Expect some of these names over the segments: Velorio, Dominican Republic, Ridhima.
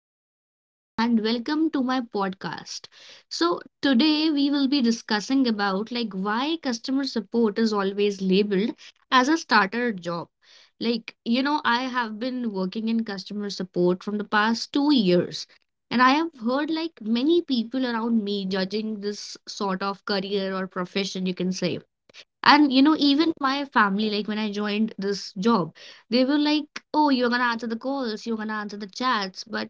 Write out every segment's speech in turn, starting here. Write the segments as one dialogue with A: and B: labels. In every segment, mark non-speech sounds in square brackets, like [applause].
A: I am Ritma and welcome to my podcast. So today we will be discussing about like why customer support is always labeled as a starter job. Like, you know, I have been working in customer support from the past 2 years and I have heard like many people around me judging this sort of career or profession, you can say. And you know, even my family, like when I joined this job, they were like, "Oh, you're gonna answer the calls, you're gonna answer the chats," but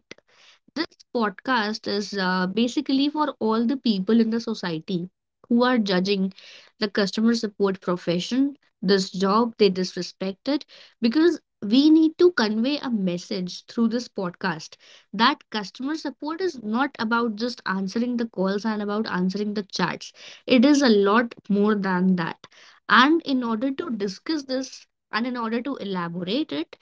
A: this podcast is basically for all the people in the society who are judging the customer support profession, this job they disrespect it, because we need to convey a message through this podcast that customer support is not about just answering the calls and about answering the chats. It is a lot more than that. And in order to discuss this and in order to elaborate it,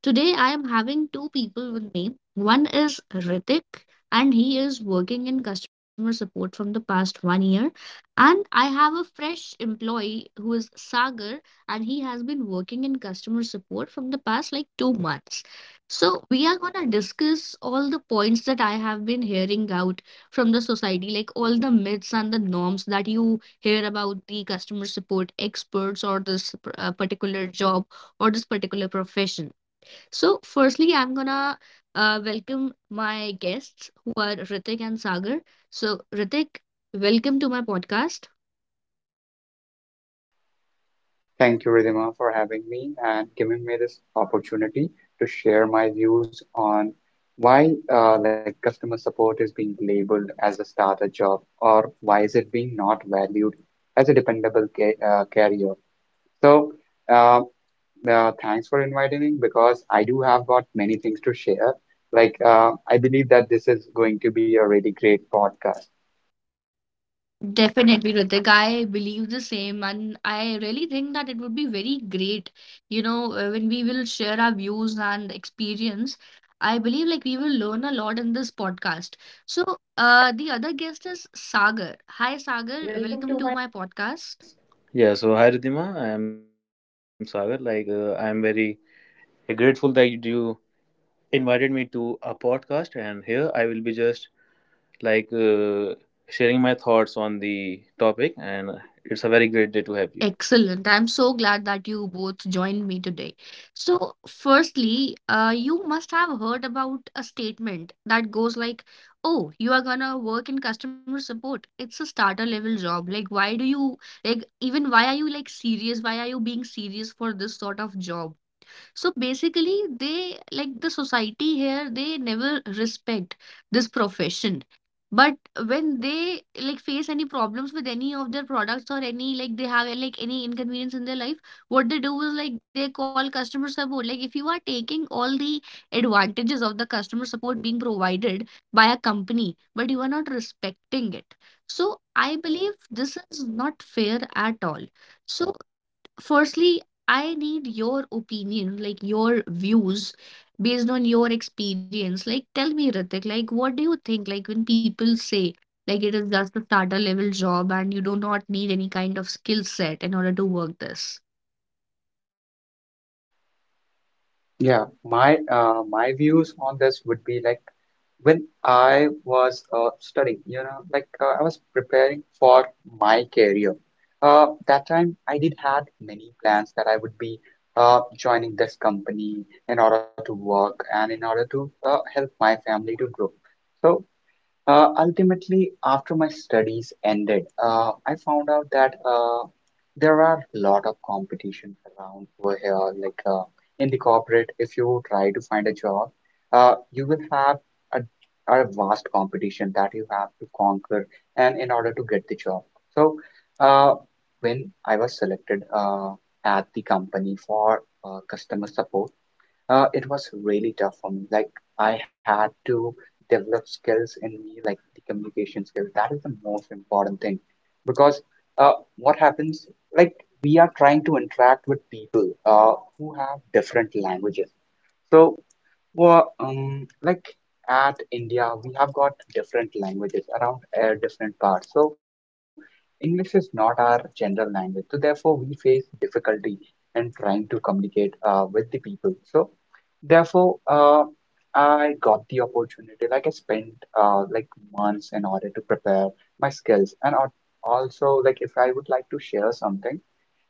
A: today I am having two people with me. One is Ritik and he is working in customer support from the past 1 year. And I have a fresh employee who is Sagar and he has been working in customer support from the past like 2 months. So we are gonna discuss all the points that I have been hearing out from the society, like all the myths and the norms that you hear about the customer support experts or this particular job or this particular profession. So, firstly, I'm gonna welcome my guests who are Ritik and Sagar. So, Ritik, welcome to my podcast.
B: Thank you, Ridhima, for having me and giving me this opportunity to share my views on why like customer support is being labeled as a starter job, or why is it being not valued as a dependable ca career. So, uh, Thanks for inviting me because I do have got many things to share. I believe that this is going to be a really great podcast.
A: Definitely, Ritik. I believe the same, and I really think that it would be very great, you know, when we will share our views and experience. I believe like we will learn a lot in this podcast. So, the other guest is Sagar. Hi, Sagar. Welcome to
C: Welcome to
A: my
C: my.
A: podcast.
C: Yeah, so hi Ridhima, I am Sagar. I am very grateful that you invited me to a podcast, and here I will be just like uh, sharing my thoughts on the topic, and it's a very great day to have you.
A: Excellent. I'm so glad that you both joined me today. So, firstly, you must have heard about a statement that goes like, "Oh, you are gonna work in customer support. It's a starter level job. Like, why do you, like, even why are you like serious? Why are you being serious for this sort of job?" So basically, they like the society here, they never respect this profession. But when they like face any problems with any of their products or any like they have like any inconvenience in their life, what they do is like they call customer support. Like if you are taking all the advantages of the customer support being provided by a company, but you are not respecting it. So I believe this is not fair at all. So firstly I need your opinion, like your views based on your experience. Like, tell me, Ritik, like, what do you think? Like, when people say, like, it is just a starter level job and you do not need any kind of skill set in order to work this.
B: Yeah, my views on this would be like when I was studying, you know, like I was preparing for my career. That time I did had many plans that I would be joining this company in order to work and in order to help my family to grow. So ultimately, after my studies ended, I found out that there are a lot of competition around over here. In the corporate, if you try to find a job, you will have a, a vast competition that you have to conquer, and in order to get the job. So, uh, when I was selected at the company for customer support, it was really tough for me. Like I had to develop skills in me, like the communication skill. That is the most important thing, because what happens? Like we are trying to interact with people who have different languages. So, well, like at India, we have got different languages around different parts. So English is not our general language. So therefore, we face difficulty in trying to communicate with the people. So therefore, I got the opportunity. Like I spent like months in order to prepare my skills. And also, like, if I would like to share something,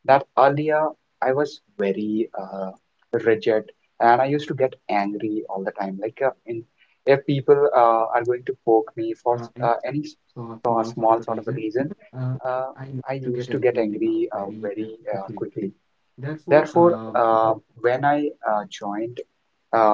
B: that earlier I was very rigid, and I used to get angry all the time. Like in If people are going to poke me for any small sort of a reason, uh, I used to get angry very quickly. Therefore, when I joined. Uh,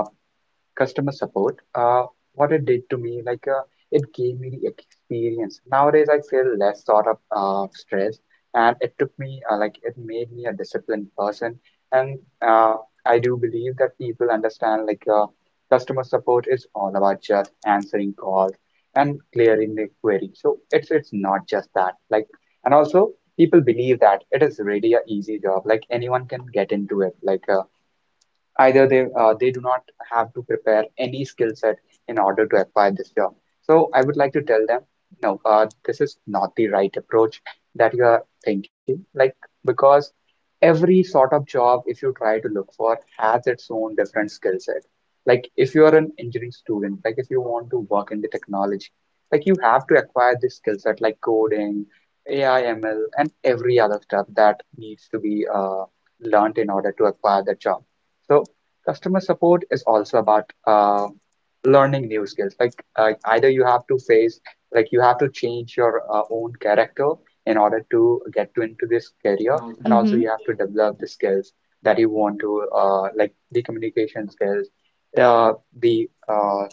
B: Customer support, what it did to me, like, it gave me the experience. Nowadays I feel less sort of stress, and it took me, like, it made me a disciplined person. And uh, I do believe that people understand, like, customer support is all about just answering calls and clearing the query. So it's not just that, like. And also people believe that it is really a easy job, like anyone can get into it, like either they do not have to prepare any skill set in order to acquire this job. So I would like to tell them, no, this is not the right approach that you are thinking, like, because every sort of job, if you try to look for, has its own different skill set. Like if you are an engineering student, like if you want to work in the technology, like you have to acquire this skill set, like coding, AI, ML, and every other stuff that needs to be learned in order to acquire the job. So customer support is also about learning new skills, like either you have to face, like you have to change your own character in order to get to into this career. And also
A: Mm-hmm.
B: you have to develop the skills that you want to, like the communication skills, uh, the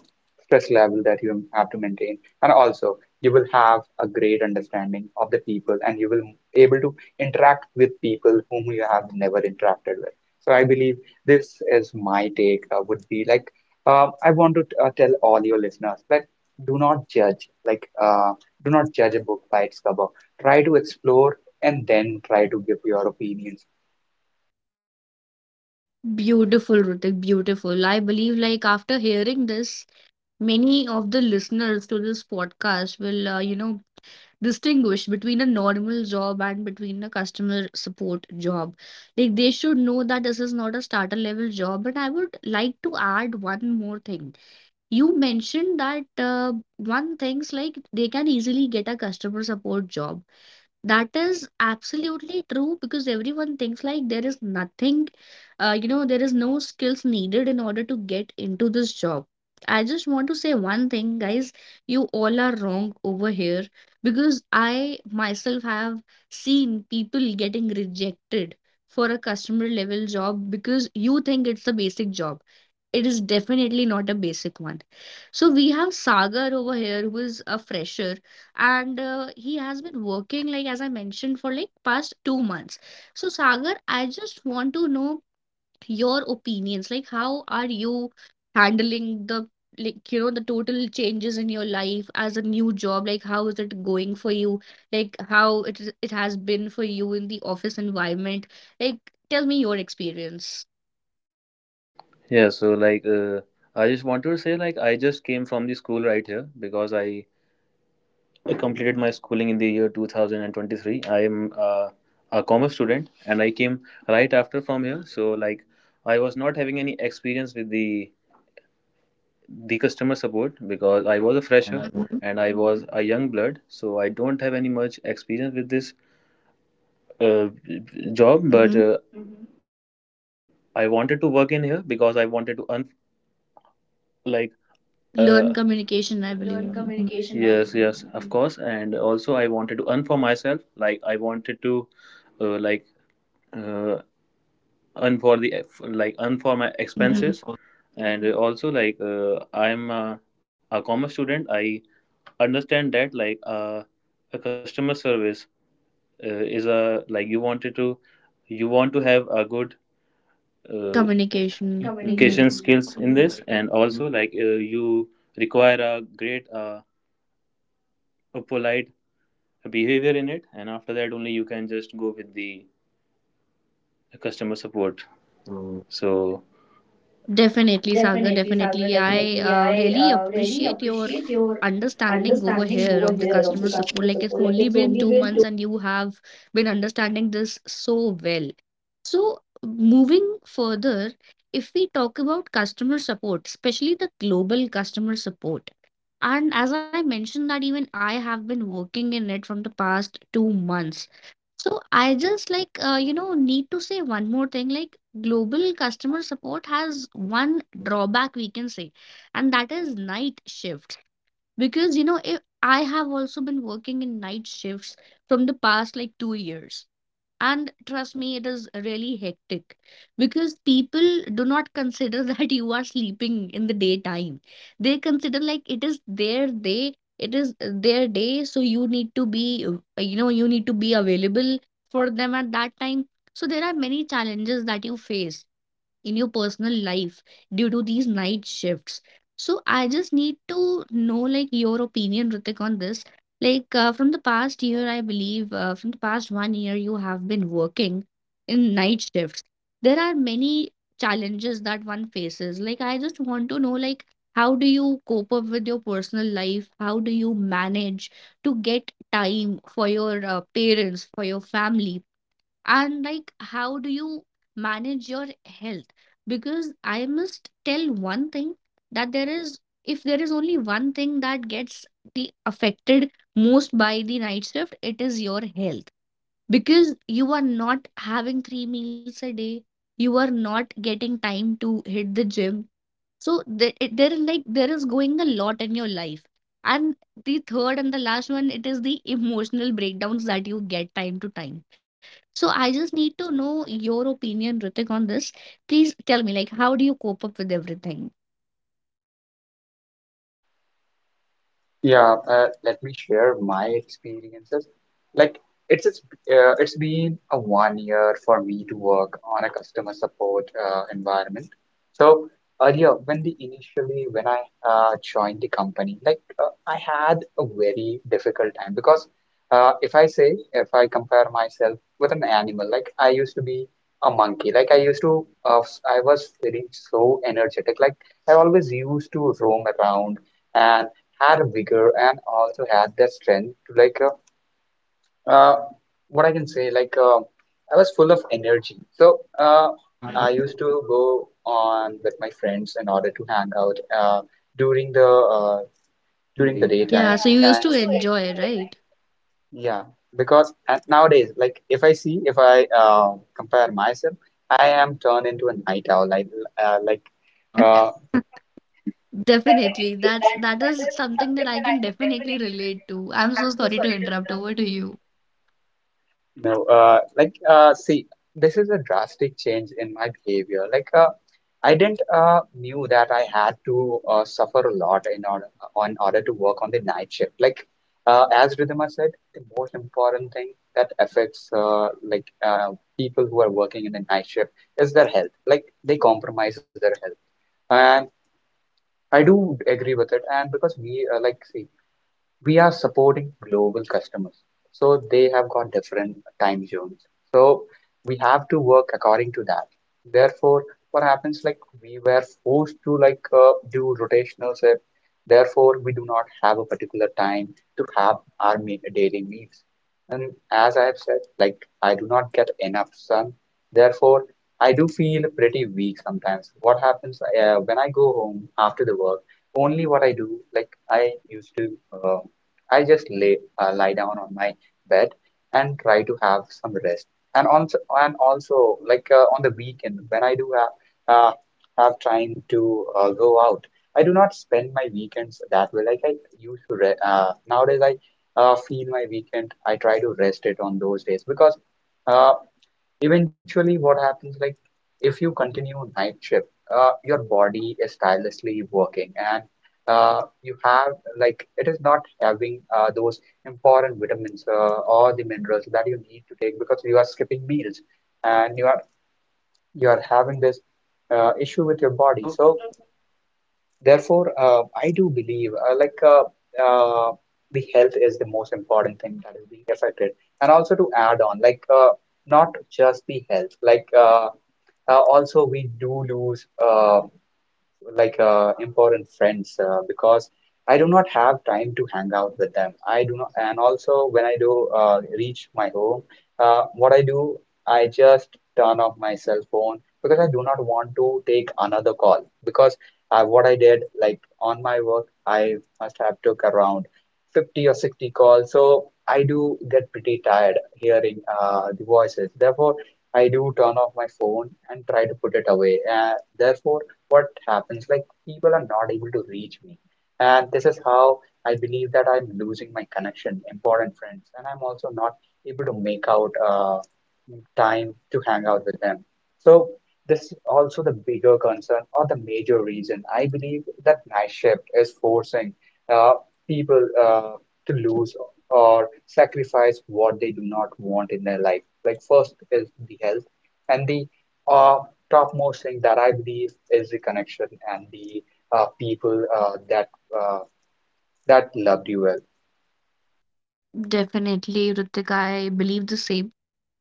B: stress level that you have to maintain. And also you will have a great understanding of the people, and you will able to interact with people whom you have never interacted with. So I believe this is my take would be like, I want to tell all your listeners, like, do not judge, like, do not judge a book by its cover. Try to explore and then try to give your opinions.
A: Beautiful, Ritik, beautiful. I believe, like, after hearing this, many of the listeners to this podcast will, you know, distinguish between a normal job and between a customer support job. Like they should know that this is not a starter level job. But I would like to add one more thing. You mentioned that one things like they can easily get a customer support job. That is absolutely true because everyone thinks like there is nothing, you know, there is no skills needed in order to get into this job. I just want to say one thing, guys, you all are wrong over here because I myself have seen people getting rejected for a customer level job because you think it's a basic job, it is definitely not a basic one. So we have Sagar over here, who is a fresher, and he has been working, like as I mentioned, for like past 2 months. So Sagar, I just want to know your opinions. Like, how are you handling the, like you know, the total changes in your life as a new job? Like, how is it going for you? Like, how it has been for you in the office environment? Like, tell me your experience.
C: Yeah, so I just want to say, like, I just came from the school right here because I completed my schooling in the year 2023. I am a commerce student, and I came right after from here, so like, I was not having any experience with the customer support because I was a
A: And
C: fresher,
A: I
C: and I was a young blood, so I don't have any much experience with this uh, job. But
A: hmm.
C: mm-hmm. I wanted to work in here because I wanted to un like uh,
A: Learn communication, I believe.
C: learn
A: Mhm.
C: communication. Yes, yes, of course, and also I wanted to earn for myself. Like I wanted to uh, like uh, earn for the earn for my expenses,
A: Mhm.
C: and also I'm a commerce student. I understand that. A customer service is a like you want to have a good uh,
A: Communication. Hmm.
C: communication skills in this, and also you require a great a polite behavior in it, and after that only you can just go with the customer support, so
A: Definitely, Sagar.
C: definitely, Sagar,
A: Definitely. I
C: definitely. I
A: really
C: really
A: appreciate your
C: appreciate your
A: understanding over
C: understanding
A: here
C: over
A: of the
C: here of
A: customer
C: the
A: support.
C: customer
A: Like, it's
C: support. Like,
A: only
C: it's
A: been
C: only
A: two
C: been two
A: months, and you have been understanding this so well. So, moving further, if we talk about customer support, especially the global customer support, and as I mentioned, that even I have been working in it from the past 2 months. So I just like you know need to say one more thing like global customer support has one drawback we can say, and that is night shifts because, you know, if I have also been working in night shifts from the past like 2 years. And trust me, it is really hectic because people do not consider [laughs] that you are sleeping in the daytime. They consider like it is their day, it is their day, so you need to be, you know, you need to be available for them at that time. So there are many challenges that you face in your personal life due to these night shifts. So I just need to know like your opinion, Ritik, on this. Like from the past year, I believe from the past 1 year, you have been working in night shifts. There are many challenges that one faces. Like I just want to know like how do you cope up with your personal life? How do you manage to get time for your parents, for your family, and like how do you manage your health because I must tell one thing that there is if there is only one thing that gets the affected most by the night shift, it is your health, because you are not having three meals a day, you are not getting time to hit the gym. So there, it- there is like there is going a lot in your life. And the third and the last one, it is the emotional breakdowns that you get time to time. So I just need to know your opinion, Ritik, on this. Please tell me, like, how do you cope up with everything?
B: Yeah, let me share my experiences. Like it's it's, it's been a 1 year for me to work on a customer support environment. So earlier, when the initially when I joined the company, like I had a very difficult time because if I compare myself with an animal, like I used to be a monkey. Like I used to I was feeling so energetic, like I always used to roam around. And had a vigor and also had that strength to, like, uh, uh, what I can say, like, I was full of energy. So I used to go on with my friends in order to hang out during the uh, during the daytime.
A: Yeah, so you
B: Yeah,
A: used
B: and
A: to
B: used to
A: enjoy,
B: enjoy,
A: right?
B: right? Yeah, because at nowadays, like, if I see, if I compare myself, I am turned into a night owl. Uh, like uh,
A: Definitely. That is something that I can definitely relate to. I'm so sorry to interrupt. Over to you.
B: No, see, this is a drastic change in my behavior. I didn't knew that I had to suffer a lot in order on order to work on the night shift. As Ridhima said, the most important thing that affects, people who are working in the night shift is their health. Like, they compromise their health, and I do agree with it. And because we, like, see, we are supporting global customers, so they have got different time zones, so we have to work according to that. Therefore, what happens, like, we were forced to, like, do rotational shift. Therefore, we do not have a particular time to have our daily meals. And as I have said, like, I do not get enough sun. Therefore, I do feel pretty weak sometimes. What happens, when I go home after the work, only what I do, like, I used to I just lay lie down on my bed and try to have some rest. And also, and also, like on the weekend when I do have have time to go out, I do not spend my weekends that way. Like I used to re nowadays, I feel my weekend. I try to rest it on those days, because Uh, eventually what happens, like, if you continue night shift, your body is tirelessly working. And you have, like, it is not having those important vitamins, or the minerals that you need to take, because you are skipping meals, and you are having this issue with your body. So therefore, I do believe, uh, the health is the most important thing that is being affected. And also to add on, not just the health, also we do lose. Important friends, because I do not have time to hang out with them. I do not. And also when I do reach my home, what I do, I just turn off my cell phone, because I do not want to take another call, because what I did, like on my work, I must have took around 50 or 60 calls. So I do get pretty tired hearing the voices. Therefore, I do turn off my phone and try to put it away. Therefore, what happens, like, people are not able to reach me, and this is how I believe that I'm losing my connection, important friends, and I'm also not able to make out time to hang out with them. So this is also the bigger concern or the major reason I believe that night shift is forcing uh, people to lose or sacrifice what they do not want in their life. Like, first is the health, and the uh, topmost thing that I believe is the connection, and the people that, uh, that loved you well.
A: Definitely, Ritik. I believe the same.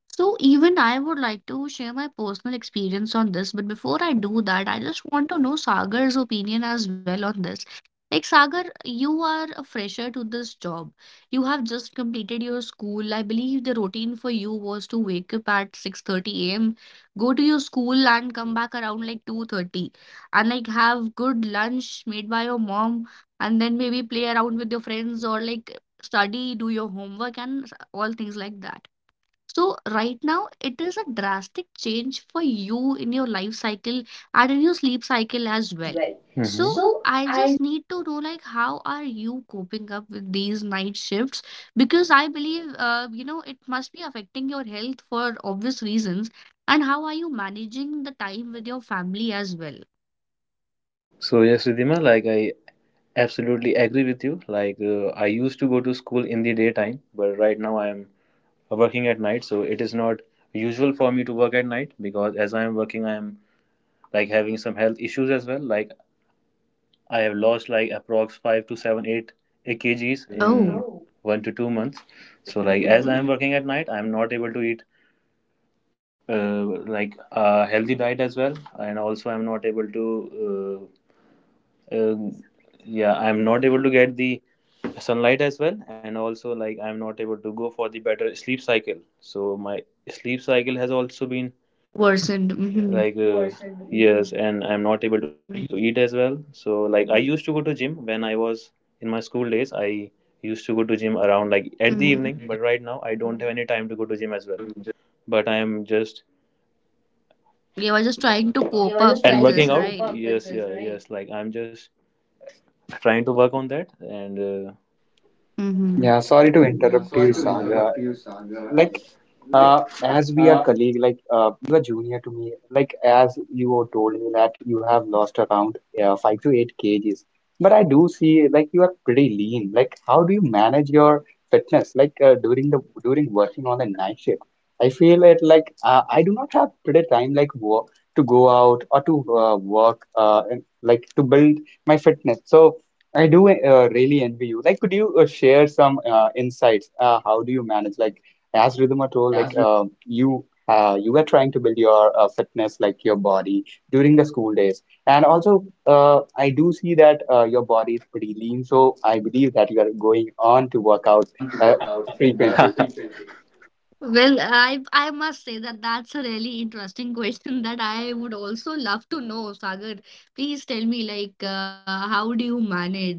A: So even I would like to share my personal experience on this, but before I do that, I just want to know Sagar's opinion as well on this. Like Sagar, you are a fresher to this job. You have just completed your school. I believe the routine for you was to wake up at 6:30 a.m., go to your school and come back around like 2:30 and like have good lunch made by your mom and then maybe play around with your friends or like study, do your homework and all things like that. So right now it is a drastic change for you in your life cycle and in your sleep cycle
C: cycle
A: as
C: as
A: well.
C: well. Mhm.
A: So
C: So,
A: I
C: I
A: just need to know like how are you coping up with these night shifts because I believe you know it must be affecting your health for obvious reasons, and how are you managing the time with your family as well?
C: so yes Ridhima, like I absolutely agree with you. I used to go to school in the daytime, but right now I am working at night, so it is not usual for me to work at night because as I am working, I am like having some health issues as well. Like I have lost like approx 5 to 7, 8 kgs
A: Mm.
C: in.
A: Oh,
C: Oh. 1 to 2 months. So like as I am working at night, I am not able to eat uh, like a healthy diet as well, and also uh, uh, yeah, I am not able to get the sunlight as well, and also like I'm not able to go for the better sleep cycle, so my sleep cycle has also been
A: worsened. Mm-hmm.
C: worsened. Yes, and I'm not able to eat as well, so like I used to go to gym when I was in my school days. I used to go to gym around like at the evening, but right
A: Hmm.
C: now I don't have any time to go to gym as well, but I am just
A: Yeah, we're just trying to
C: you were
A: cope
C: just
A: up
C: and trying to
A: with
C: working
A: this,
C: out cope up
A: right?
C: with yes this, yeah right? Yes, like I'm just trying to work on that, and
B: Yeah, sorry to
C: mhm. Yeah,
B: interrupt you,
C: sorry to
B: Saga.
C: interrupt you, Saga.
B: Like
C: Like,
B: As we are
C: uh,
B: colleague, you are junior to me, like, as you told me that you have lost around 5 to 8 kgs, but I do see like you are pretty lean. Like, how do you manage your fitness? During working on the night shift, I feel it like I do not have pretty time like work to go out or to work, and, like, to build my fitness. So I do really envy you. Like, could you share some insights? How do you manage, like? As Ridhima told, like,
C: as we
B: you were trying to build your fitness, like your body during the school days. And also I do see that your body is pretty lean. So I believe that you are going on to workouts
C: on to workouts
B: frequently.
C: [laughs] frequently.
A: Well, I must say that that's a really interesting [laughs] question that I would also love to know, Sagar. Please tell me, like, how do you manage?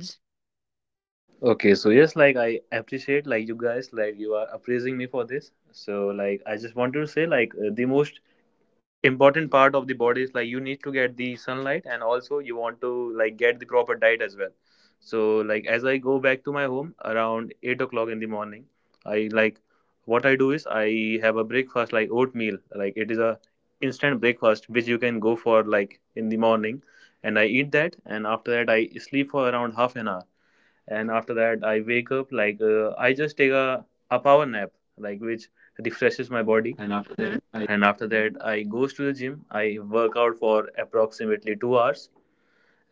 C: Okay, so yes, like I appreciate like you guys, like you are appraising me for this. So like I just want to say the most important part of the body is like you need to get the sunlight, and also you want to like get the proper diet as well. So like as I go back to my home around 8 o'clock in the morning, I like what I do is I have a breakfast like oatmeal. Like it is a instant breakfast which you can go for like in the morning, and I eat that, and after that I sleep for around half an hour, and after that I wake up I just take a power nap, like which refreshes my body.
A: And after that, mhm. I-
C: And after that I goes to the gym. I work out for approximately 2 hours,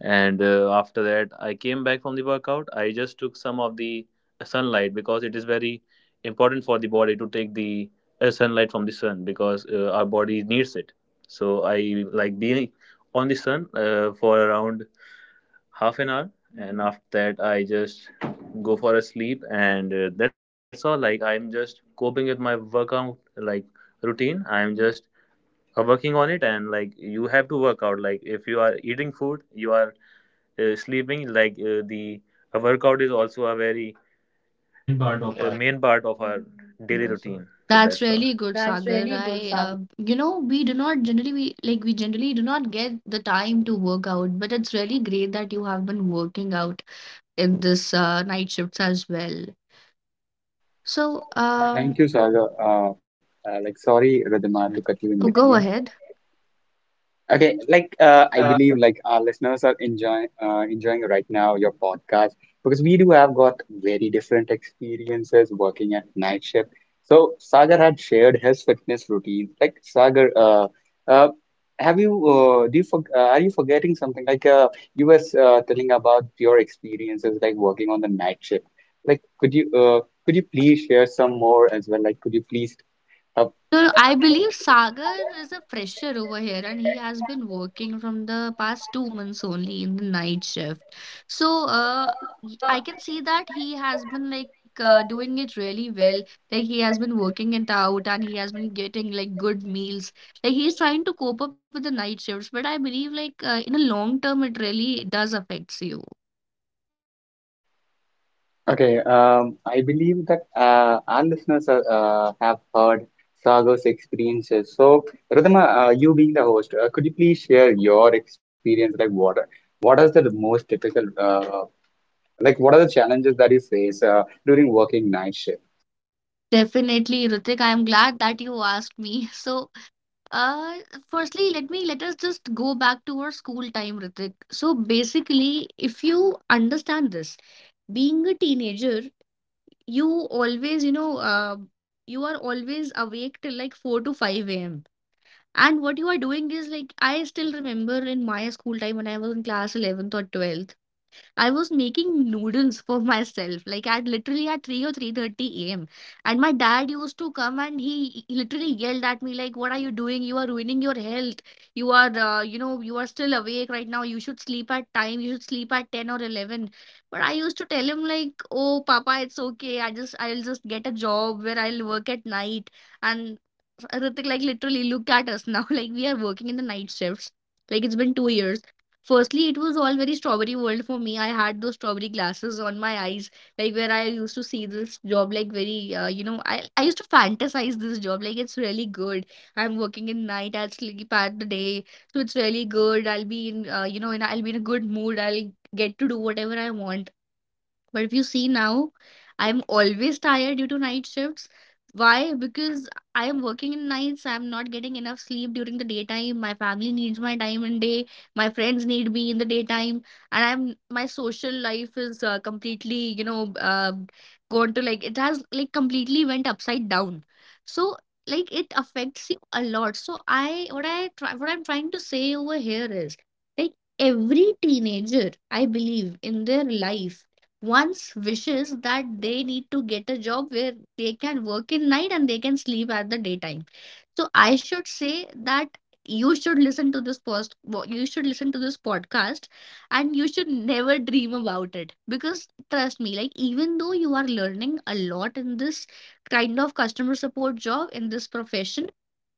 C: and after that I came back from the workout. I just took some of the sunlight because it is very important for the body to take the sunlight from the sun because our body needs it. So I like being on the sun for around half an hour, and after that I just go for a sleep, and that's all. Like I'm just coping with my workout like routine. I'm just are working on it. And like you have to work out. Like if you are eating food, you are sleeping, like the a workout is also a very main part of our daily routine, so
A: That's
C: that's all.
A: really good,
C: That's
A: Sagar.
C: really good,
A: I,
C: Sagar.
A: you know, we like we generally do not get the time to work out, but it's really great that you have been working out in this night shifts as well. So,
B: Thank you, Sagar. Sorry, Ridhima, to cut you in
A: oh, go
B: between.
A: ahead.
B: Okay, I believe like our listeners are enjoying enjoying right now your podcast because we do have got very different experiences working at night shift. So Sagar had shared his fitness routine. Like Sagar, uh, have you do you for, are you forgetting something? You were telling about your experiences like working on the night shift. Like could you please share some more as well? Like could you please uh?
A: No, no, I believe Sagar is a fresher over here and he has been working from the past 2 months only in the night shift. So, I can
C: Uh,
A: see that he has been like doing it really well. Like he has been working it out and he has been getting like good meals. Like he's trying to cope up with the night shifts, but I believe like in a long term it really does affects you.
B: Okay, I believe that our listeners are, have heard Sagar's experiences. So, Rhythma, you being the host, could you please share your experience? Like, what is the most typical, like, what are the challenges that you face during working night shift?
A: Definitely, Ritik, I'm glad that you asked me. [laughs] So, uh, firstly, let us just go back to our school time, Ritik. So basically, if you understand this, being a teenager, you always, you know, you are always awake till like 4 to 5 a.m. And what you are doing is like, I still remember in my school time when I was in class 11th or 12th. I was making noodles for myself, like at literally at 3 or 3:30 a.m. And my dad used to come and he literally yelled at me like, "What are you doing? You are ruining your health. You are, you are still awake right now. You should sleep at time. You should sleep at 10 or 11." But I used to tell him like, "Oh, Papa, it's okay. I'll just get a job where I'll work at night." And Ritik, like literally, look at us now. [laughs] Like we are working in the night shifts. Like it's been 2 years. Firstly, it was all very strawberry world for me. I had those strawberry glasses on my eyes, like where I used to see this job, like very, I used to fantasize this job, like it's really good. I'm working in night, I'll sleep at the day, so it's really good. I'll be in, you know, and I'll be in a good mood. I'll get to do whatever I want. But if you see now, I'm always tired due to night shifts. Why? Because I am working in nights, I'm not getting enough sleep during the daytime. My family needs my time in day, my friends need me in the daytime, and I'm my social life is completely, gone to like it has like completely went upside down. So like it affects you a lot. So I what I try what I'm trying to say over here is like every teenager, I believe, in their life one's wishes that they need to get a job where they can work in night and they can sleep at the daytime. So I should say that you should listen to this podcast and you should never dream about it because trust me, like even though you are learning a lot in this kind of customer support job, in this profession,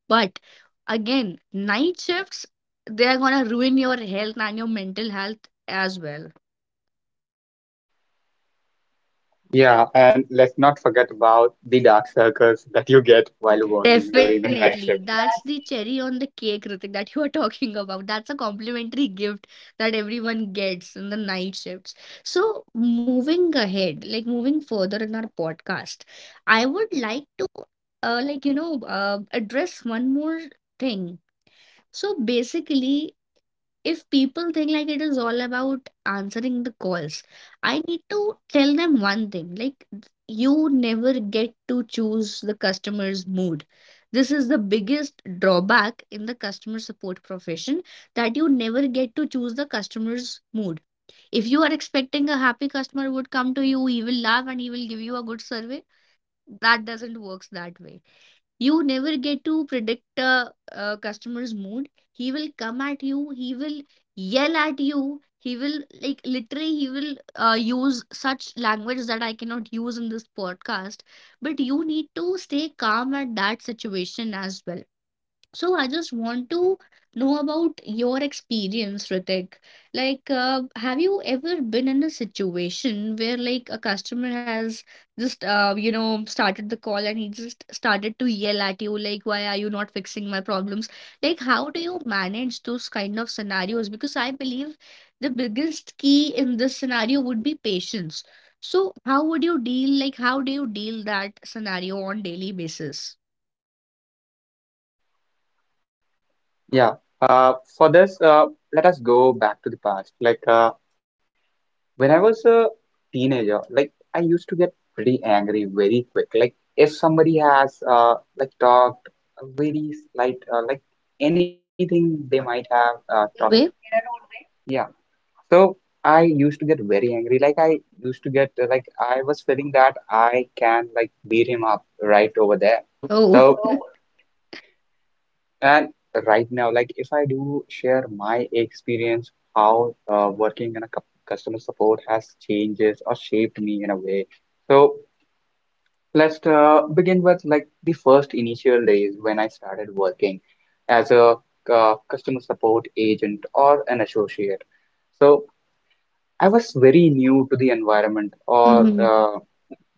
A: but again, night shifts, they are going to ruin your health and your mental health as well.
B: Yeah, and let's not forget about the dark circles that you get while working during the
A: Definitely.
B: night shift.
A: That's the
B: [laughs]
A: cherry on the cake, Ritik, that you are [laughs] talking about. That's a complimentary gift that everyone gets in the night shifts. So, moving ahead, like moving further in our podcast, I would like to, address one more thing. So, basically, if people think like it is all about answering the calls, I need to tell them one thing like, you never get to choose the customer's mood. This is the biggest drawback in the customer support profession, that you never get to choose the customer's mood. If you are expecting a happy customer would come to you, he will laugh and he will give you a good survey. That doesn't works that way. You never get to predict a customer's mood. He will come at you, he will yell at you, he will, like literally he will use such language that I cannot use in this podcast, but you need to stay calm at that situation as well. So I just want to know about your experience, Ritik. Like, have you ever been in a situation where like a customer has just started the call and he just started to yell at you, like, why are you not fixing my problems? Like, how do you manage those kind of scenarios? Because I believe the biggest key in this scenario would be patience. So how would you deal, like, how do you deal that scenario on daily basis?
B: Yeah, uh, for this, let us go back to the past. When I was a teenager, like I used to get pretty angry very quick. Like if somebody has like talked a very slight like anything they might have talked.
A: Way?
B: Yeah. So I used to get very angry. Like I used to get like I was feeling that I can like beat him up right over there.
A: Oh,
B: So.
A: okay.
B: And right now, like if I do share my experience, how working in a customer support has changes or shaped me in a way. So let's begin with like the first initial days when I started working as a customer support agent or an associate. So I was very new to the environment or
A: Mm-hmm.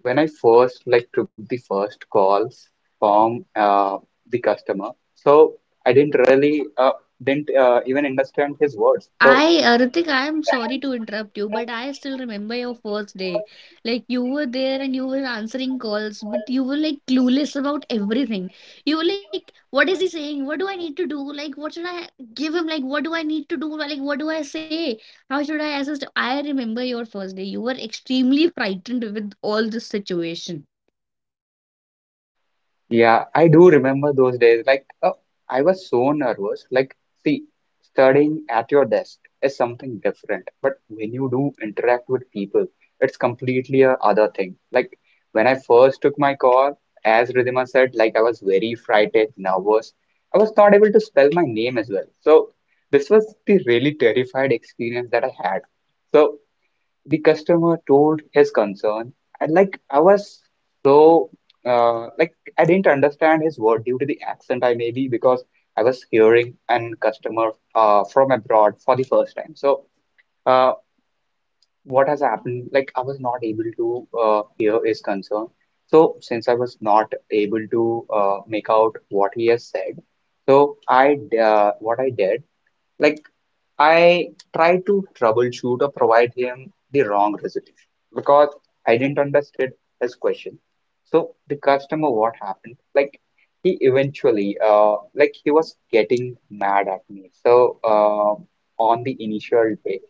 B: when I first like took the first calls from the customer, so I didn't really didn't even understand his words. So
A: I, Ritik, I am sorry to interrupt you, but I still remember your first day. Like you were there and you were answering calls, but you were like clueless about everything. You were like, what is he saying? What do I need to do? Like, what should I give him? Like, what do I need to do? Like, what do I say? How should I assist? I remember your first day. You were extremely frightened with all this situation.
B: yeah, I do remember those days. I was so nervous. Like, see, studying at your desk is something different, but when you do interact with people, it's completely a other thing. Like, when I first took my call, as Ridhima said, like I was very frightened, nervous. I was not able to spell my name as well. So, this was the really terrified experience that I had. So, the customer told his concern and like I was so, like I didn't understand his word due to the accent I maybe because I was hearing an customer from abroad for the first time. So uh, what has happened, like I was not able to hear his concern. So since I was not able to make out what he has said, so i what I did, like I tried to troubleshoot or provide him the wrong resolution because I didn't understand his question. So the customer, what happened? Like he eventually, like he was getting mad at me. So on the initial day,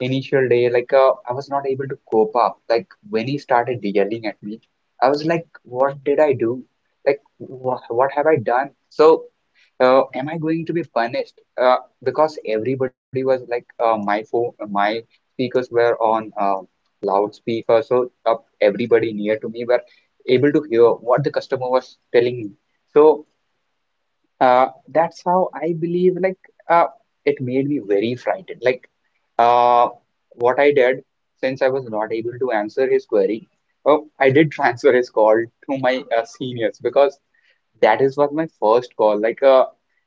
B: I was not able to cope up. Like when he started yelling at me, I was like, what did I do? Like wh what have I done? So am I going to be punished? Uh, because everybody was like, my phone, my speakers were on loudspeaker, so everybody near to me were able to hear what the customer was telling me. So uh, that's how I believe. Uh, it made me very frightened. Uh, what I did, since I was not able to answer his query, oh, I did [laughs] transfer his call to my seniors because that is what my first call. Like, uh,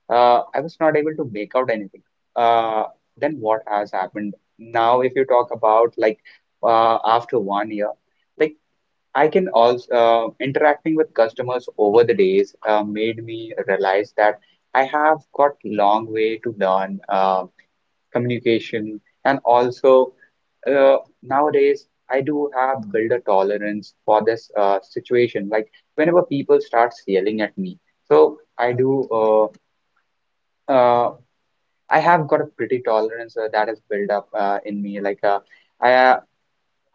B: uh, I was not able to make out anything. Uh, then what has happened? Now, if you talk about like after 1 year, like I can also, interacting with customers over the days made me realize that I have got long way to learn communication and also nowadays I do have built a tolerance for this situation. Like whenever people starts yelling at me, so I do. Uh, uh, I have got a pretty tolerance that is built up in me. Like I uh,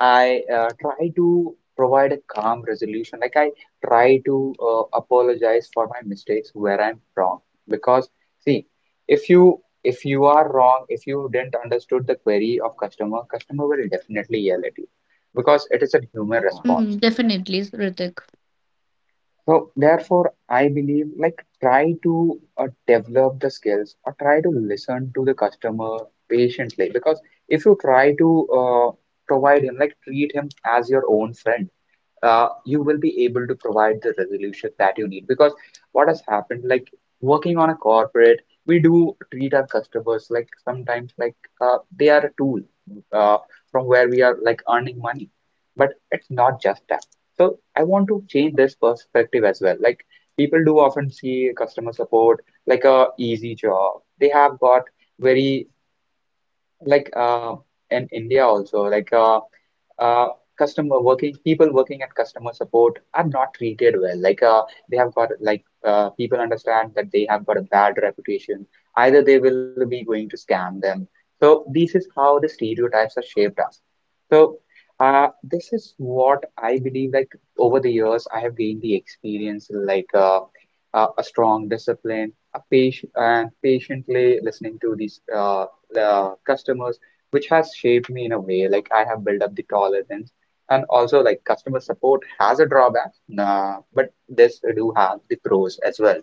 B: I try to provide a calm resolution. Like I try to apologize for my mistakes where I'm wrong. Because see, if you are wrong, if you didn't understood the query of customer, customer will definitely yell at you because it is a human
A: Mm-hmm.
B: response.
A: Definitely, Ritik.
B: So therefore, I believe like try to develop the skills or try to listen to the customer patiently, because if you try to provide him, like treat him as your own friend, you will be able to provide the resolution that you need. Because what has happened, like working on a corporate, we do treat our customers like sometimes like they are a tool uh, from where we are like earning money, but it's not just that. So I want to change this perspective as well. Like people do often see customer support like a easy job. They have got very like in India also like uh, customer working, people working at customer support are not treated well, like they have got like people understand that they have got a bad reputation, either they will be going to scam them. So this is how the stereotypes are shaped us. So this is what I believe, like over the years I have gained the experience like a strong discipline, a patient and patiently listening to these the customers, which has shaped me in a way. Like I have built up the tolerance, and also like customer support has a drawback nah, but this do have the pros as well.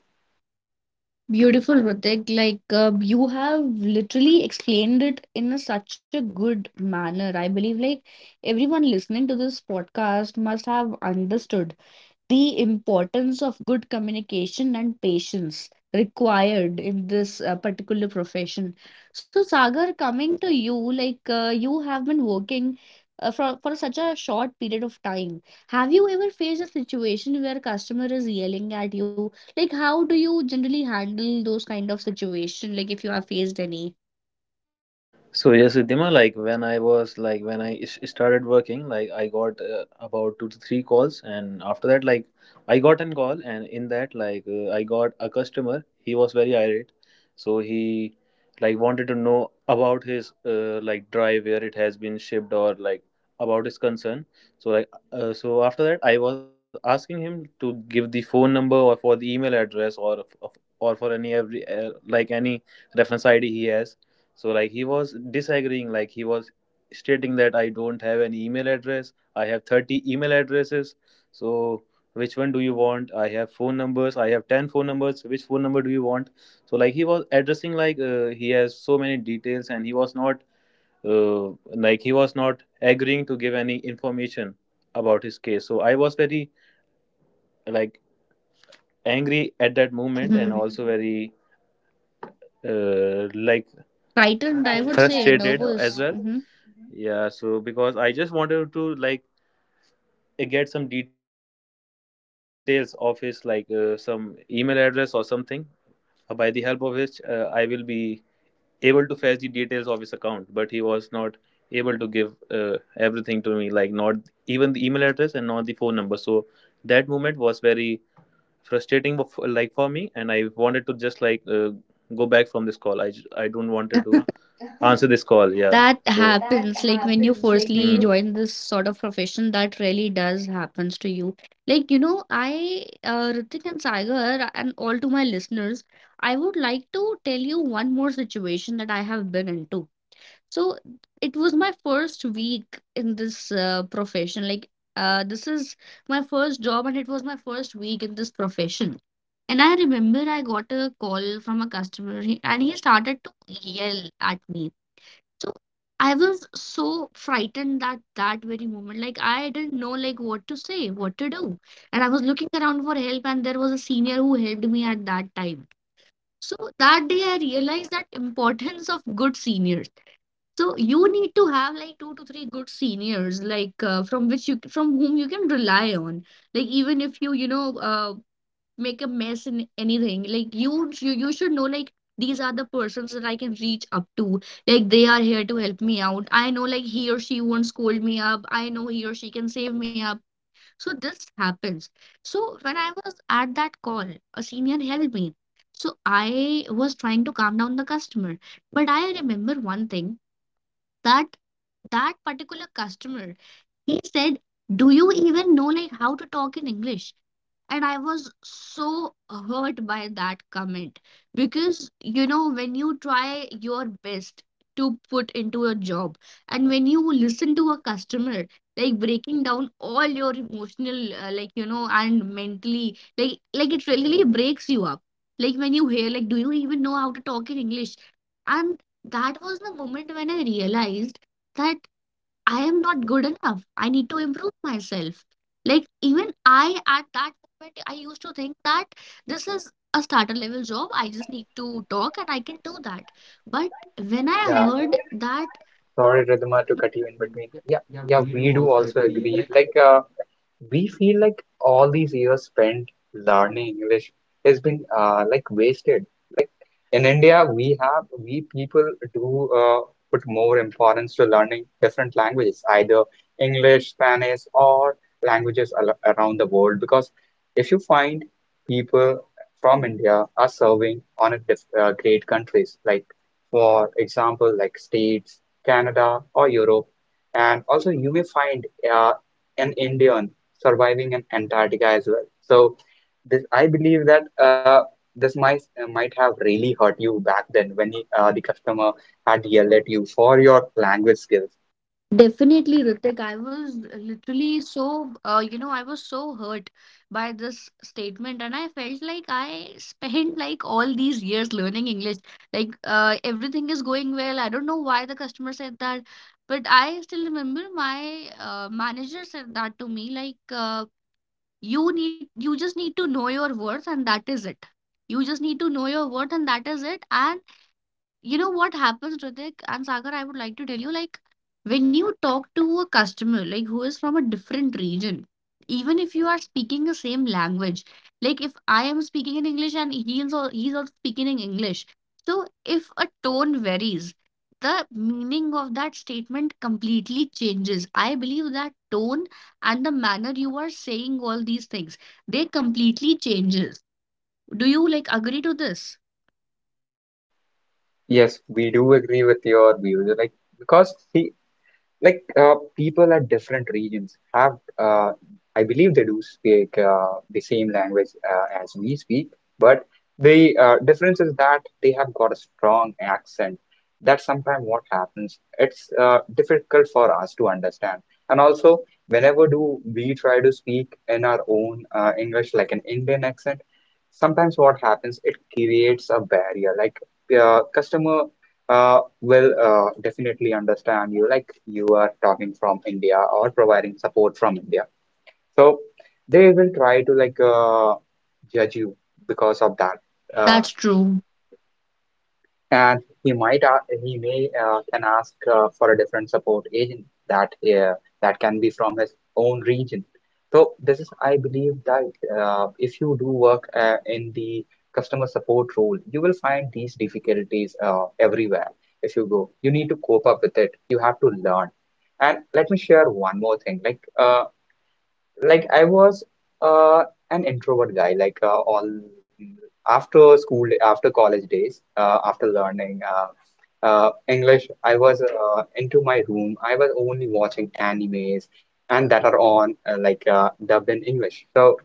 A: Beautiful, Ritik. Like you have literally explained it in a, such a good manner. I believe like everyone listening to this podcast must have understood the importance of good communication and patience required in this particular profession. So, Sagar, coming to you, like you have been working for such a short period of time. Have you ever faced a situation where customer is yelling at you? Like, how do you generally handle those kind of situation? Like, if you have faced any.
C: So yes, Riddhima, like when started working, like I got about two to three calls, and after that, like I got an call, and in that, I got a customer. He was very irate, so he like wanted to know about his like drive where it has been shipped, or like about his concern. So so after that, I was asking him to give the phone number or for the email address, or or for any every like any reference ID he has, so like he was disagreeing. Like he was stating that I don't have an email address. I have 30 email addresses, so which one do you want? I have phone numbers. I have 10 phone numbers. Which phone number do you want? So like he was addressing like he has so many details, and he was not uh, he was not agreeing to give any information about his case. So I was very like angry at that moment,
A: Hmm.
C: and also very like
A: Frightened, I would say
C: frustrated
A: nervous.
C: as well.
A: Mm-hmm.
C: Yeah, so because I just wanted to like get some details of his, like some email address or something, by the help of which I will be able to fetch the details of his account, but he was not able to give uh, everything to me, like not even the email address and not the phone number. So that moment was very frustrating like for me, and I wanted to just like go back from this call. I don't wanted to answer [laughs] this call. Yeah,
A: That
C: so that
A: happens like when you
C: happens like when
A: firstly
C: you
A: join this sort of profession, that really does happens to you. Like, you know, I, Ritik and Sagar, and all to my listeners, I would like to tell you one more situation that I have been into. So, it was my first week in this profession. Like, this is my first job, and it was my first week in this profession. And I remember I got a call from a customer, and he started to yell at me. So I was so frightened that that very moment. Like I didn't know like what to say, what to do. And I was looking around for help and there was a senior who helped me at that time. So that day I realized that importance of good seniors. So you need to have like two to three good seniors like from whom you can rely on. Like even if you you know make a mess in anything, like you should know like these are the persons that I can reach up to, like they are here to help me out. I know like he or she won't scold me up. I know he or she can save me up. So this happens. So when I was at that call, a senior helped me. So I was trying to calm down the customer, but I remember one thing, that that particular customer, he said, "Do you even know like how to talk in English?" And I was so hurt by that comment because, you know, when you try your best to put into a job and when you listen to a customer like breaking down all your emotional like, you know, and mentally, like it really breaks you up, like when you hear like, do you even know how to talk in English? And that was the moment when I realized that I am not good enough. I need to improve myself. Like, even I, at that moment, I used to think that this is a starter level job. I just need to talk and I can do that. But when I
B: Yeah.
A: heard that.
B: Sorry, Ridhima, to cut you in between. Yeah, yeah, we do also agree. We feel like all these years spent learning English has been like wasted. In India, we people do put more importance to learning different languages, either English, Spanish, or languages al around the world. Because if you find people from India are serving on a diff great countries, like for example, like States, Canada, or Europe, and also you may find uh, an Indian surviving in Antarctica as well. So this, I believe that. This might have really hurt you back then when the customer had yelled at you for your language skills.
A: Definitely, Ritik. I was literally so, I was so hurt by this statement, and I felt like I spent like all these years learning English. Like, everything is going well. I don't know why the customer said that, but I still remember my manager said that to me, like, you just need to know your worth, and that is it. You just need to know your worth, and that is it. You know what happens, Ritik and Sagar, I would like to tell you, like when you talk to a customer, like who is from a different region, even if you are speaking the same language, like if I am speaking in English and he's also speaking in English. So if a tone varies, the meaning of that statement completely changes. I believe that tone and the manner you are saying all these things, they completely changes. Do you like agree to this?
B: Yes, we do agree with your views. Like because see, people at different regions have I believe they do speak the same language as we speak, but the difference is that they have got a strong accent. That's sometimes what happens. It's difficult for us to understand. And also, whenever do we try to speak in our own English, like an Indian accent, sometimes what happens, it creates a barrier. Like customer will definitely understand you like you are talking from India or providing support from India. So they will try to judge you because of that. Uh,
A: That's true.
B: and he might he may can ask for a different support agent that that can be from his own region. So this is I believe that, if you do work in the customer support role, you will find these difficulties everywhere if you go. You need to cope up with it, you have to learn. And let me share one more thing, like I was uh, an introvert guy. All after school, after college days, after learning English, I was into my room. I was only watching animes and that are on dubbed in English. So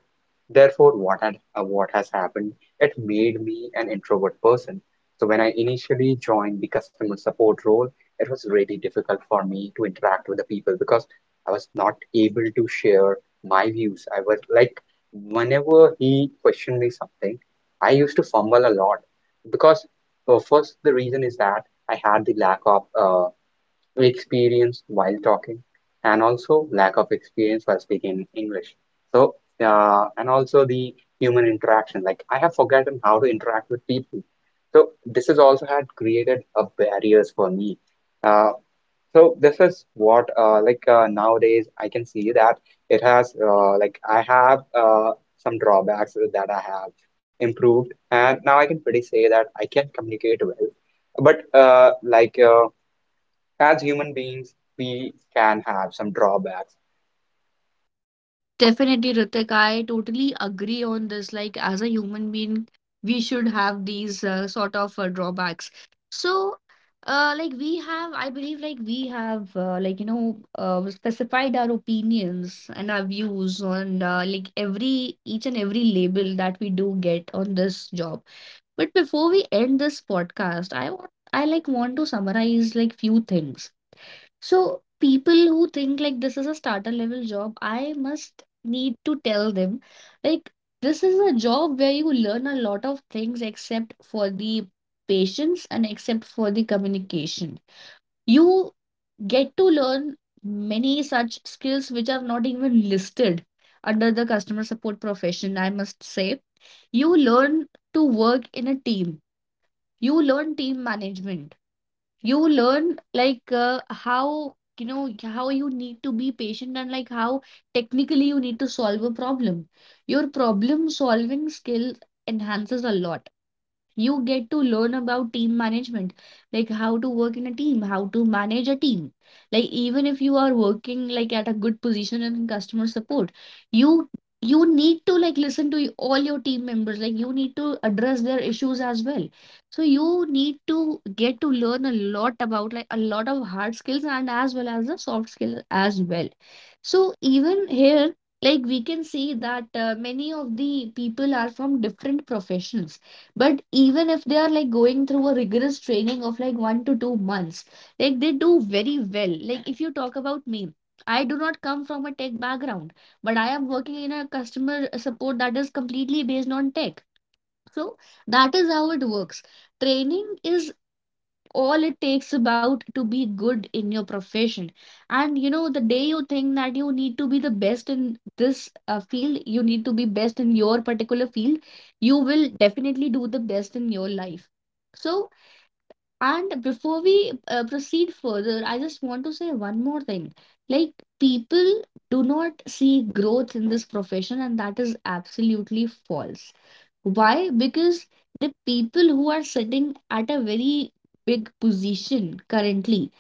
B: therefore, what has happened? It made me an introvert person. So when I initially joined the customer support role, it was really difficult for me to interact with the people because I was not able to share my views. I was like, whenever he questioned me something, I used to fumble a lot because first, the reason is that I had the lack of experience while talking, and also lack of experience while speaking English. So, and also the human interaction. Like, I have forgotten how to interact with people. So, this has also had created a barriers for me. Uh, so, this is what, nowadays I can see that I have some drawbacks that I have improved. And now I can pretty say that I can communicate well. But, uh, like, uh, as human beings, we can have some drawbacks.
A: Definitely, Ritik, I totally agree on this. Like, as a human being, we should have these sort of drawbacks. So, we have, I believe, like, we have, specified our opinions and our views on, every, each and every label that we do get on this job. But before we end this podcast, I like want to summarize like few things. So people who think like this is a starter level job, I must need to tell them like this is a job where you learn a lot of things except for the patience and except for the communication. You get to learn many such skills which are not even listed under the customer support profession, I must say. You learn to work in a team. You learn team management, you learn how you need to be patient, and like how technically you need to solve a problem. Your problem solving skill enhances a lot. You get to learn about team management, like how to work in a team, how to manage a team. Like even if you are working like at a good position in customer support, you you need to like listen to all your team members, like you need to address their issues as well. So you need to get to learn a lot about like a lot of hard skills and as well as the soft skills as well. So even here, like we can see that many of the people are from different professions, but even if they are like going through a rigorous training of like 1 to 2 months, like they do very well. Like if you talk about me, I do not come from a tech background, but I am working in a customer support that is completely based on tech. So that is how it works. Training is all it takes about to be good in your profession. And you know, the day you think that you need to be the best in this field, you need to be best in your particular field, you will definitely do the best in your life. So, and before we proceed further, I just want to say one more thing. Like people do not see growth in this profession, and that is absolutely false. Why? Because the people who are sitting at a very big position currently,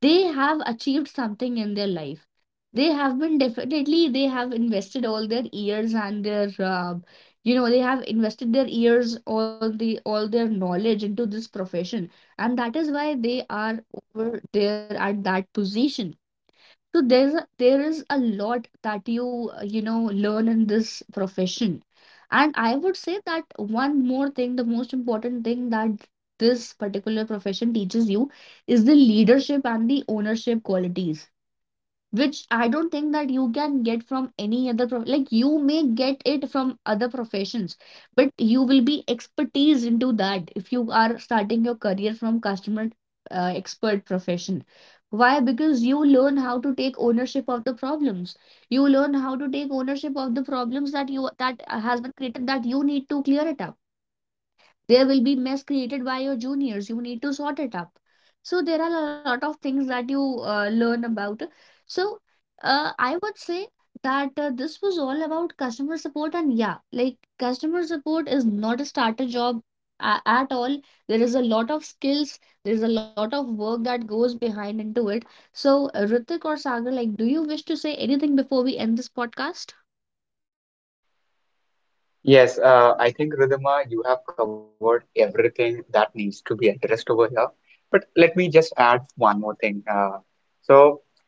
A: they have achieved something in their life. They have been definitely, they have invested all their years and they have invested their years, all their knowledge into this profession, and that is why they are over there at that position. So there is a lot that you you know learn in this profession. And I would say that one more thing, the most important thing that this particular profession teaches you is the leadership and the ownership qualities, which I don't think that you can get from any other prof like you may get it from other professions, but you will be expertise into that if you are starting your career from customer expert profession. Why? Because you learn how to take ownership of the problems. You learn how to take ownership of the problems that you that has been created, that you need to clear it up. There will be mess created by your juniors, you need to sort it up. So there are a lot of things that you learn about. So I would say that this was all about customer support. And yeah, like customer support is not a starter job at all. There is a lot of skills, there is a lot of work that goes behind into it. So Ritik or Sagar, like do you wish to say anything before we end this podcast?
B: Yes, I think Ridhima, you have covered everything that needs to be addressed over here. But let me just add one more thing. Uh, so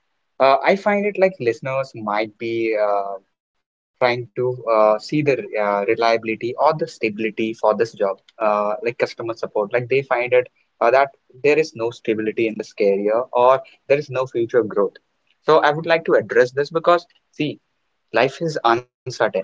B: uh, I find it like listeners might be trying to see the reliability or the stability for this job, like customer support. Like they find it that there is no stability in this career or there is no future growth. So I would like to address this because, see, life is uncertain.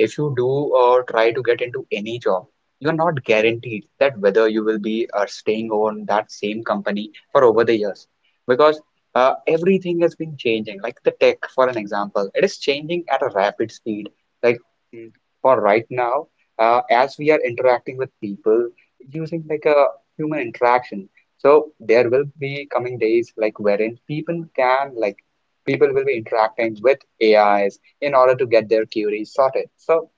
B: If you do or try to get into any job, you are not guaranteed that whether you will be staying on that same company for over the years because everything has been changing. Like the tech, for an example, it is changing at a rapid speed. Like mm, for right now, as we are interacting with people using like a human interaction, so there will be coming days like wherein people can like people will be interacting with AIs in order to get their queries sorted. So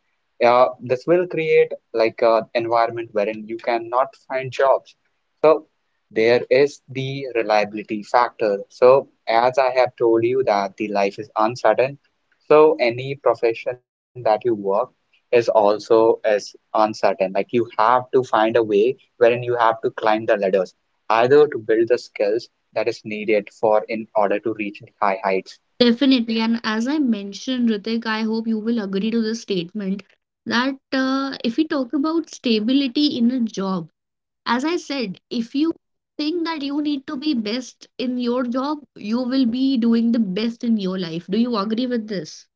B: this will create like an environment wherein you cannot find jobs. So there is the reliability factor. So as I have told you that the life is uncertain, so any profession that you work is also is uncertain. Like you have to find a way wherein you have to climb the ladders, either to build the skills that is needed for in order to reach high heights.
A: Definitely, and as I mentioned, Ritik, I hope you will agree to this statement that if we talk about stability in a job, as I said, if you think that you need to be best in your job, you will be doing the best in your life. Do you agree with this?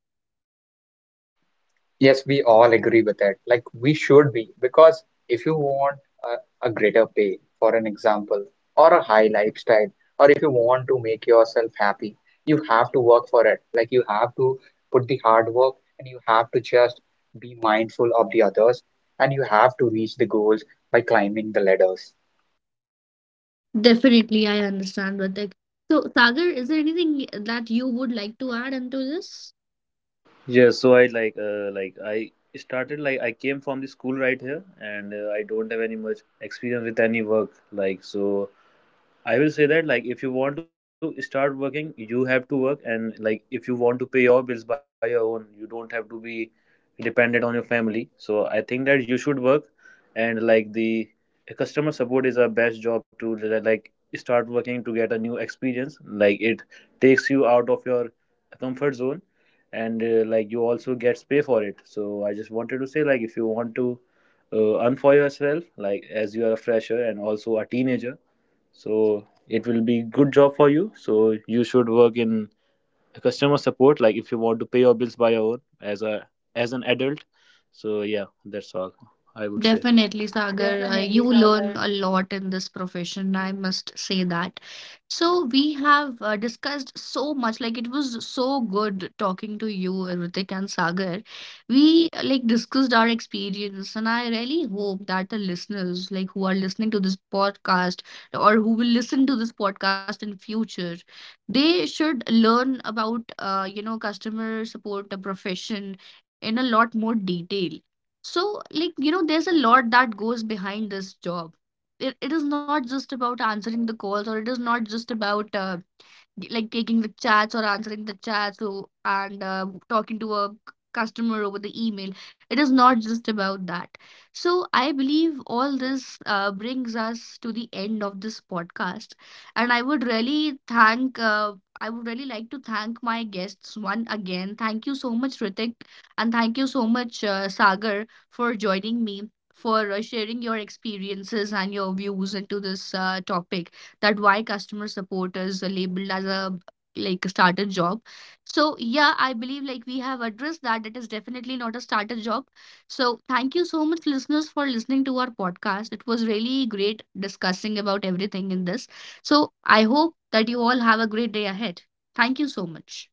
B: Yes, we all agree with that. Like we should be, because if you want a greater pay, for an example, or a high lifestyle, or if you want to make yourself happy, you have to work for it. Like you have to put the hard work and you have to just be mindful of the others and you have to reach the goals by climbing the ladders.
A: Definitely, I understand, Ritik. So, Sagar, is there anything that you would like to add into this?
C: yeah so I like I started like I came from the school right here, and I don't have any much experience with any work, like so I will say that like if you want to start working, you have to work, and like if you want to pay your bills by your own, you don't have to be dependent on your family. So I think that you should work, and like the customer support is a best job to like start working to get a new experience. Like it takes you out of your comfort zone, and like you also gets pay for it. So I just wanted to say like if you want to earn for yourself, like as you are a fresher and also a teenager, so it will be good job for you. So you should work in customer support like if you want to pay your bills by your own as a as an adult. So yeah, that's all I would say.
A: Definitely, Sagar.
C: Definitely,
A: You
C: Sagar.
A: learn a lot in this profession. I must say that. So we have discussed so much. Like it was so good talking to you, Ritik and Sagar. We like discussed our experience, and I really hope that the listeners, like who are listening to this podcast or who will listen to this podcast in future, they should learn about customer support, the profession, in a lot more detail. So like you know, there's a lot that goes behind this job. It is not just about answering the calls, or it is not just about like taking the chats or answering the chats and talking to a customer over the email. It is not just about that. So I believe all this brings us to the end of this podcast. And I would really thank I would really like to thank my guests one again. Thank you so much, Ritik, and thank you so much, Sagar, for joining me, for sharing your experiences and your views into this topic, that why customer support is labeled as a like a starter job. So yeah, I believe like we have addressed that it is definitely not a starter job. So thank you so much listeners for listening to our podcast. It was really great discussing about everything in this. So I hope that you all have a great day ahead. Thank you so much.